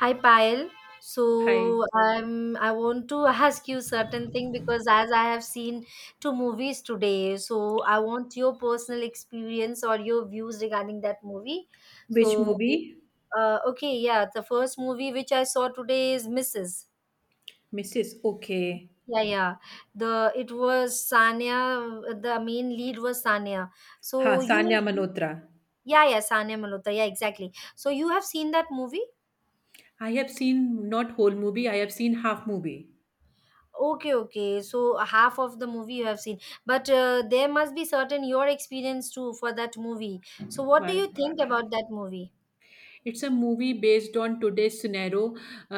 Hi Payal. Hi. So I want to ask you certain thing because as I have seen two movies today, so I want your personal experience or your views regarding that movie. Which So movie? Okay, yeah, the first movie which I saw today is Mrs. Mrs. Okay. Yeah, yeah. The it was Sania. The main lead was Sania. Ha, So you, Sanya Manotra. yeah, yeah, Sania Malhotra. Yeah, exactly. So you have seen that movie? I have seen not whole movie, I have seen half movie. Okay, okay. So half of the movie you have seen, but there must be certain your experience too for that movie. So what do Why? you think about that movie? It's a movie based on today's scenario.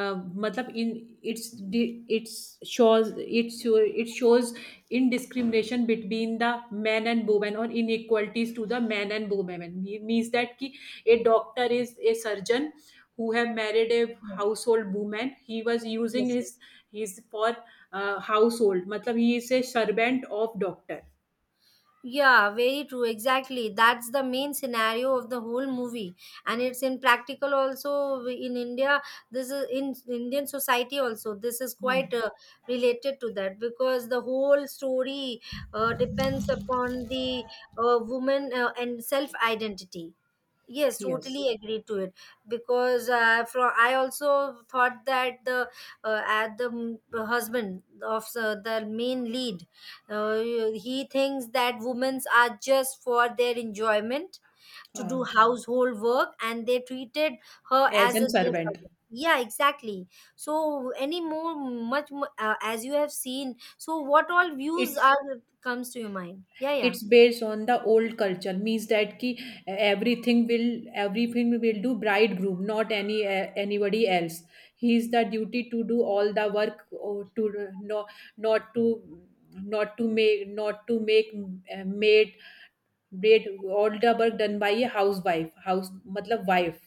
Ah, मतलब in it's the it's shows it show it shows in discrimination between the man and woman, or inequalities to the man and woman. Means that कि a doctor is a surgeon who have married a Yes, household woman. He was using yes, yes. his his for household. मतलब he is a servant of doctor. Yeah, very true. Exactly. That's the main scenario of the whole movie, and it's in practical also in India. This is in Indian society also. This is quite hmm. Related to that because the whole story depends upon the woman and self identity. Yes, Yes. totally agree to it because from I also thought that the at the husband of the main lead, uh, he thinks that women are just for their enjoyment to do Ah, household work, and they treated her as as a a their servant, servant. Yeah, exactly. So any more, as you have seen. So what all views it's. are comes to your mind? Yeah, yeah. it's based on the old culture means that ki everything will everything will do bridegroom, not anybody else. He is the duty to do all the work, or to not to not to make uh, maid maid all the work done by a housewife, house मतलब wife.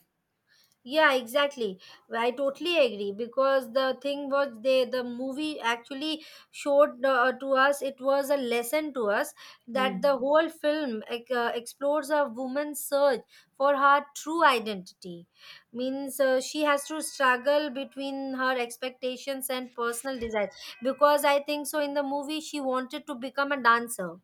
Yeah, exactly. I totally agree because the thing was the movie actually showed to us it was a lesson to us that the Hmm. whole film like, explores a woman's search for her true identity. Means she has to struggle between her expectations and personal desires because I think so in the movie she wanted to become a dancer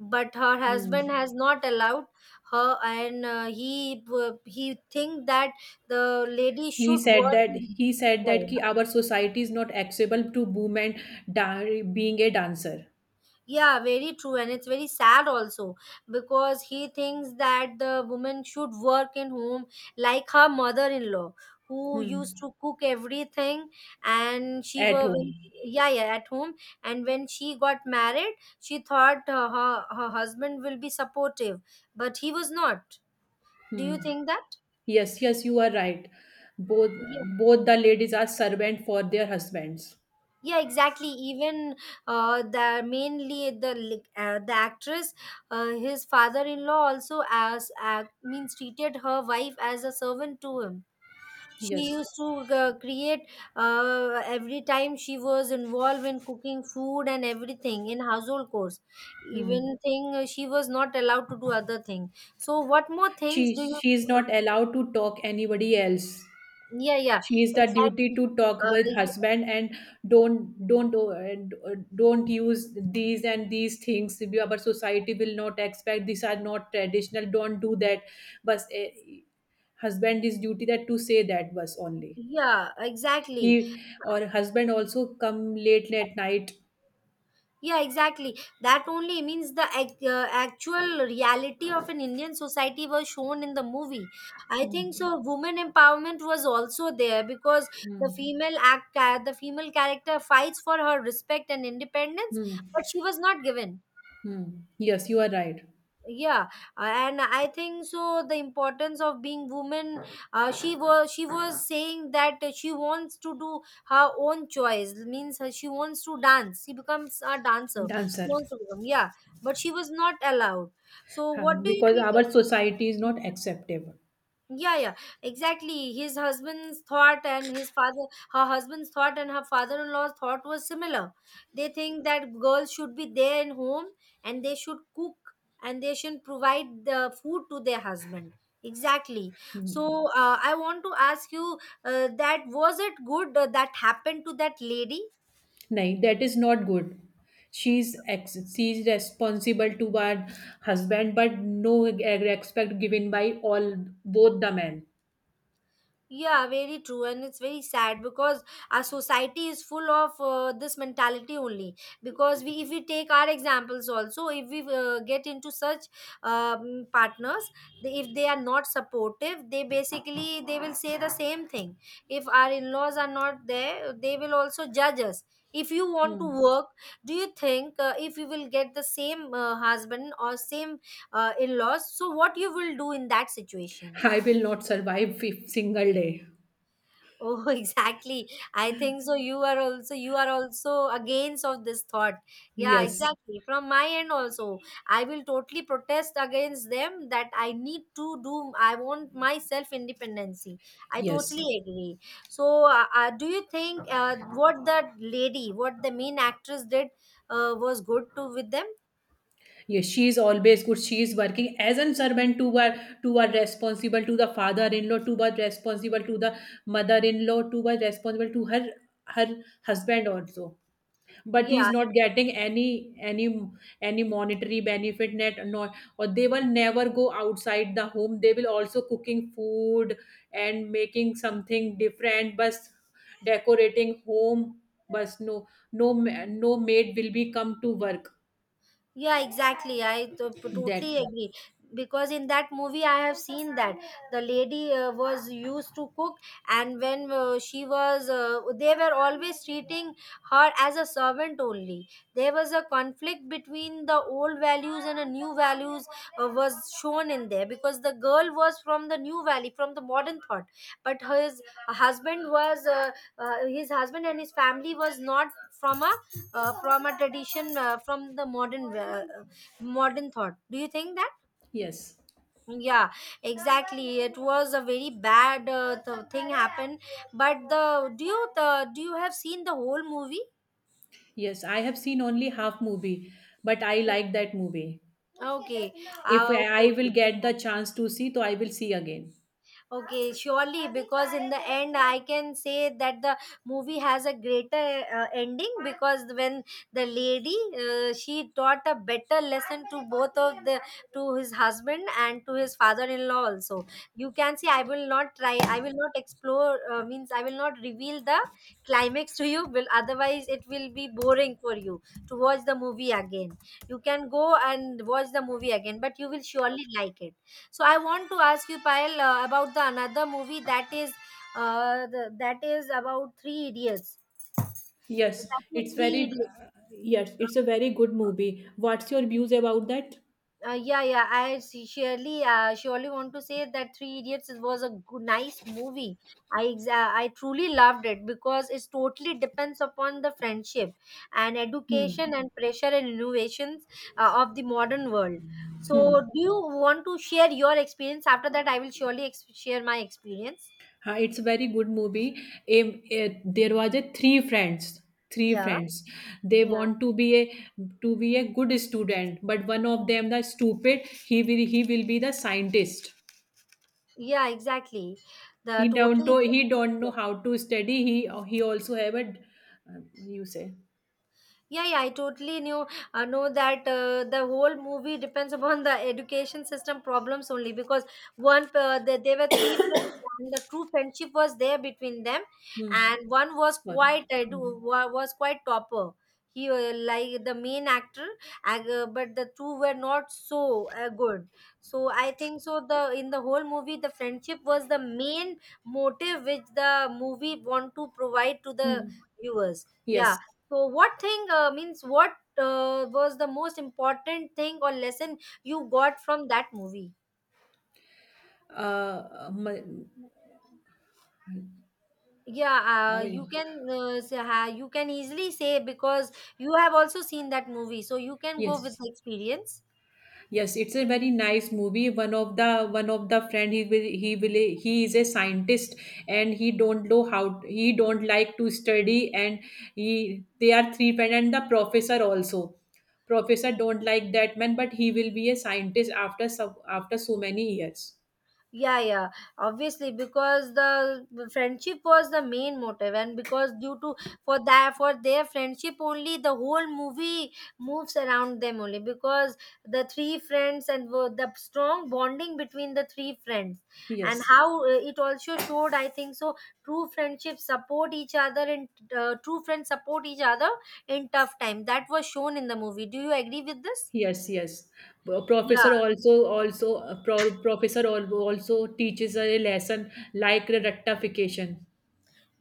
but her husband Hmm. has not allowed her and he think that the lady He should said work that, in hotel. Ki our society is not accessible to women, being a dancer. Yeah, very true, and it's very sad also because he thinks that the woman should work in home like her mother-in-law who used Hmm. to cook everything and she At were home. when yeah, yeah, at home, and when she got married she thought her husband will be supportive but he was not. Do Hmm. you think that? Yes, yes, you are right. Both, Yeah, both the ladies are servant for their husbands. yeah, exactly. Even the mainly the li- the actress, his father-in-law also as means treated her wife as a servant to him. She Yes. used to create every time she was involved in cooking food and everything in household chores. Hmm. Even thing she was not allowed to do other thing. So what more things She do you? she is not allowed to talk anybody else. Yeah, yeah, She is the duty exactly. to talk with Uh, husband, and don't use these and these things. We- our society will not expect. These are not traditional. Don't do that. But husband is duty that to say that was only. yeah, exactly. He or husband also come late at night. Yeah, exactly. That only means actual reality of an Indian society was shown in the movie. I Hmm, think so. Women empowerment was also there because hmm, the female character fights for her respect and independence, hmm, but she was not given. hmm. Yes, you are right. Yeah, and I think so the importance of being woman, she was saying that she wants to do her own choice means she wants to dance, she becomes a dancer, And she answer. wants to become, yeah, but she was not allowed. So Huh, what do you because think? our society is not acceptable. Yeah, yeah, exactly. His husband's thought and his father, her husband's thought and her father-in-law's thought was similar. They think that girls should be there in home and they should cook and they should provide the food to their husband. Exactly. So I want to ask you that was it good that happened to that lady? No, that is not good. She's responsible to her husband, but no respect given by all both the men. Yeah, very true, and it's very sad because our society is full of this mentality only. Because we, if we take our examples also, if we get into such partners, if they are not supportive, they basically they will say the same thing. If our in-laws are not there, they will also judge us. If you want to Hmm. work, do you think if you will get the same husband or same in-laws, so what you will do in that situation? I will not survive a single day. Oh, exactly. I think so. You are also against of this thought. Yeah, Yes, exactly. From my end also, I will totally protest against them that I need to do. I want my self independency. I yes. totally agree. So, do you think what that lady, what the main actress did, was good to with them? Yes, she is always good. She is working as a servant to her responsible to the father-in-law, to her responsible to the mother-in-law, to her responsible to her her husband also. But he Yeah, is not getting any any monetary benefit, net nor, or they will never go outside the home. They will also cooking food and making something different, but decorating home. But no no maid will be come to work yeah, exactly. That. totally agree because in that movie I have seen that the lady was used to cook, and when they were always treating her as a servant only. There was a conflict between the old values and the new values was shown in there because the girl was from the new valley, from the modern thought, but his husband was, his husband and his family was not from a from a tradition from the modern modern thought. Do you think that? Yes, Yeah, exactly, it was a very bad thing happened, but the do you have seen the whole movie? yes, I have seen only half movie, but I like that movie. Okay, If I will okay. get the chance to see, so I will see again. Okay, surely, because in the end, I can say that the movie has a greater ending, because when the lady she taught a better lesson to both of the, to his husband and to his father-in-law also. You can see, I will not try, I will not explore, means I will not reveal the climax to you. Will otherwise it will be boring for you to watch the movie again. You can go and watch the movie again, but you will surely like it. So I want to ask you, Payal, about the another movie that is that is about Three Idiots. Yes, That it's is Three very, Idiots. yes, it's a very good movie. What's your views about that? Yeah, yeah. Surely, surely want to say that Three Idiots was a good, nice movie. I truly loved it because it totally depends upon the friendship and Hmm. education and pressure and innovations of the modern world. So, do you want to share your experience? After that, I will share my experience. It's a very good movie. There was a three friends, three Yeah. friends. They Yeah. want to be a good student, but one of them the stupid. He will be the scientist. Yeah, exactly. The totally. He don't Yeah. know how to study. He also have a you say. Yeah, yeah, I totally knew know that the whole movie depends upon the education system problems only because one there were three films and the true friendship was there between them, Hmm. and one was Sorry. quite Hmm. Was quite topper. He like the main actor, but the two were not so good. So I think so. The in the whole movie, the friendship was the main motive which the movie want to provide to the Hmm. viewers. Yeah. Yes. So, what thing means what was the most important thing or lesson you got from that movie? uh, my- Yeah, I- you can say, you can easily say because you have also seen that movie, so you can go with yes, the experience. yes, it's a very nice movie. One of the friend, he is a scientist, and he don't know how, he don't like to study, and he they are three friend, and the professor also. Professor don't like that man, but he will be a scientist after, after so many years. Yeah, yeah, obviously because the friendship was the main motive and because due to for that for their friendship only the whole movie moves around them only because the three friends and the strong bonding between the three friends, and Yes, how it also showed, I think so true friendships support each other, and true friends support each other in tough time, that was shown in the movie. Do you agree with this? yes, yes. Well, Yeah. professor also also professor also teaches a lesson like rectification.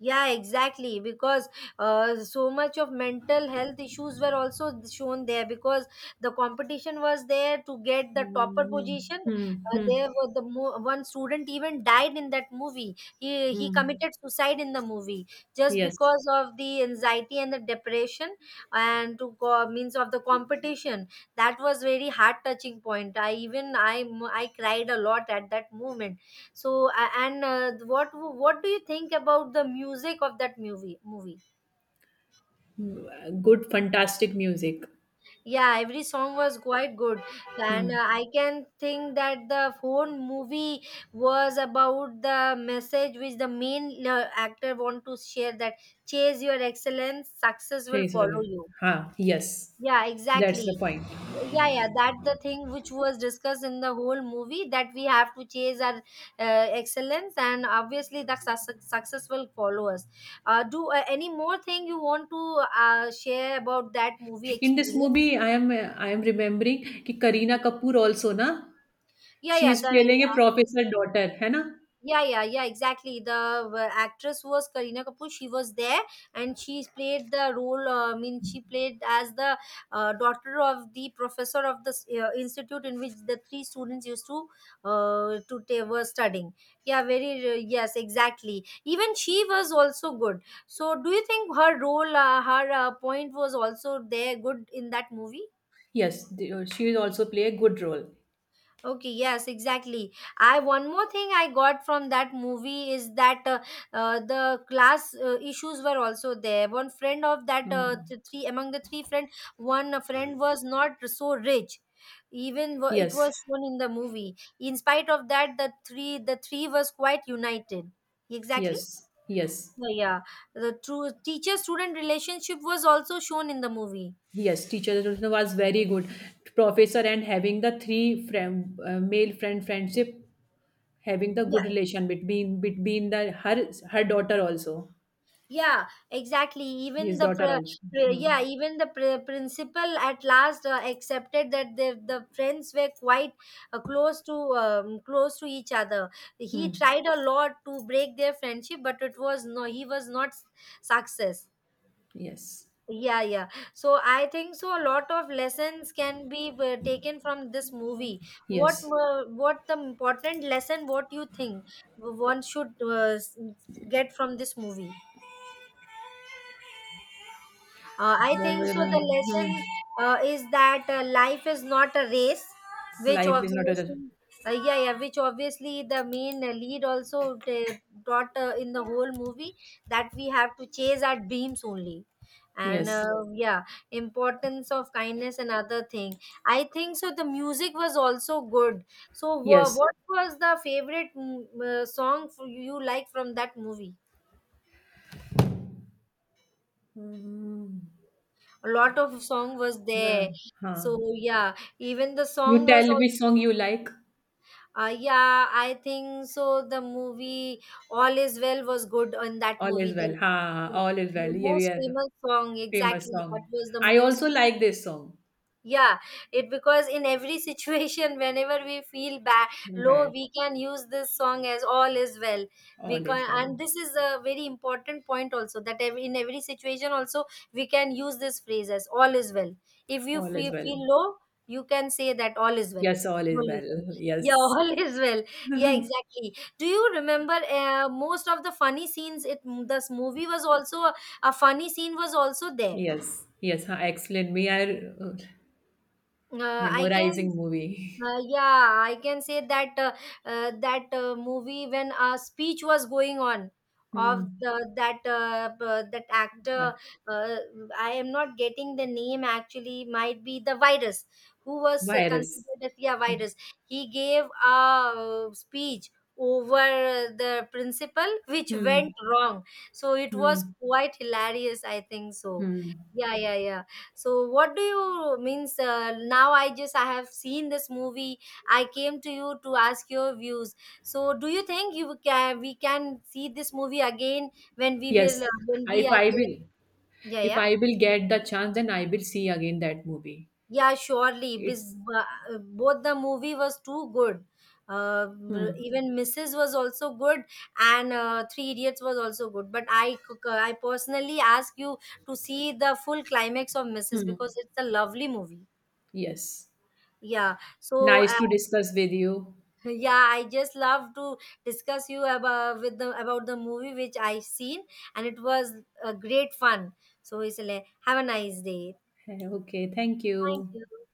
Yeah, exactly. Because so much of mental health issues were also shown there because the competition was there to get the topper Hmm. position. Hmm. Hmm. There was one student even died in that movie. He Hmm. committed suicide in the movie just Yes. because of the anxiety and the depression, and to go, means of the competition. That was very heart touching point. I even I cried a lot at that moment. So and what do you think about the music of that movie? Good, fantastic music. Yeah, every song was quite good, Hmm. and I can think that the whole movie was about the message which the main actor want to share, that chase your excellence, success will She's follow a- you. ha. Yes, Yeah, that's the exactly. point. Yeah, yeah, that the thing which was discussed in the whole movie that we have to chase our excellence, and obviously the success will follow us. Do any more thing you want to share about that movie In this experience? movie, I am remembering कि Kareena Kapoor also ना, Yeah, she yeah, is the. playing a professor daughter है ना? Yeah, yeah, yeah, exactly. The actress was Kareena Kapoor. She was there and she played the role. I mean, she played as the daughter of the professor of the institute in which the three students used to were studying. Yeah, very yes, exactly. Even she was also good. So, do you think her role, her point was also there good in that movie? Yes, she is also play a good role. Okay, yes, exactly. I one more thing I got from that movie is that the class issues were also there. One friend of that Hmm. Three among the three friend, one friend was not so rich. It Yes. was shown in the movie. In spite of that, the three was quite united. Exactly. Yes, yes, Yeah, yeah, the true teacher student relationship was also shown in the movie. yes. Teacher Ratan was very good professor, and having the three friend, male friend friendship, having the good relation between the her her daughter also, Yeah, exactly. Even his the daughter also. pr- pr- Hmm. yeah, even the pr- Principal at last accepted that the friends were quite close to close to each other. He Hmm. tried a lot to break their friendship, but it was no, he was not success. Yes, Yeah, yeah. So I think so. A lot of lessons can be taken from this movie. What yes. uh, what the important lesson? What you think one should get from this movie? I think so. The lesson Hmm. Is that life is not a race, which Life is not a, obviously, yeah, yeah, which obviously the main lead also taught in the whole movie that we have to chase our dreams only. And yes, yeah, importance of kindness and other thing. I think so. The music was also good. So, yes. what was the favorite song for you like from that movie? Hmm. A lot of song was La- there, so हाँ. yeah, even the song You was tell which also, song you like. Yeah, I think so, the movie All Is Well was good in that All movie. is well. the, हाँ, all is the well. ये भी most है. famous song, Famous exactly, song. that was the I most. also like this song. Yeah, it, because in every situation, whenever we feel bad, low, Bad. we can use this song as all is well. We All is can, well. and this is a very important point also, that in every situation also we can use this phrase as all is well. If you All is feel, well. feel low, you can say that all is well. Yes, all is All is well. well. Yeah. Yes. All is well. Yeah, exactly. Do you remember most of the funny scenes? It, this movie was also a funny scene was also there. Yes. Yes. Huh, excellent. We are I can memorizing movie. Yeah, I can say that movie when a speech was going on of Hmm. the, that that actor, Uh, uh, I am not getting the name actually, might be the virus, who was virus. considered as, yeah, virus. He gave a speech over the principal which Hmm. went wrong. So it Hmm. was quite hilarious, I think so. Hmm. Yeah, yeah, yeah. So what do you means? Now, I have seen this movie, I came to you to ask your views. So do you think you can, we can see this movie again when we will Yes. When we if are I there? will, Yeah, if yeah, I will get the chance, then I will see again that movie. yeah, surely, because It's, both the movie was too good. Hmm. Even Mrs. was also good, and Three Idiots was also good, but I I personally ask you to see the full climax of Mrs. Hmm. because it's a lovely movie. Yes. Yeah, so Nice to discuss with you. yeah, I just love to discuss you about, with the, about the movie which I seen, and it was a great fun. So Isle, have a nice day. Eh, okay. Thank Thank you. you.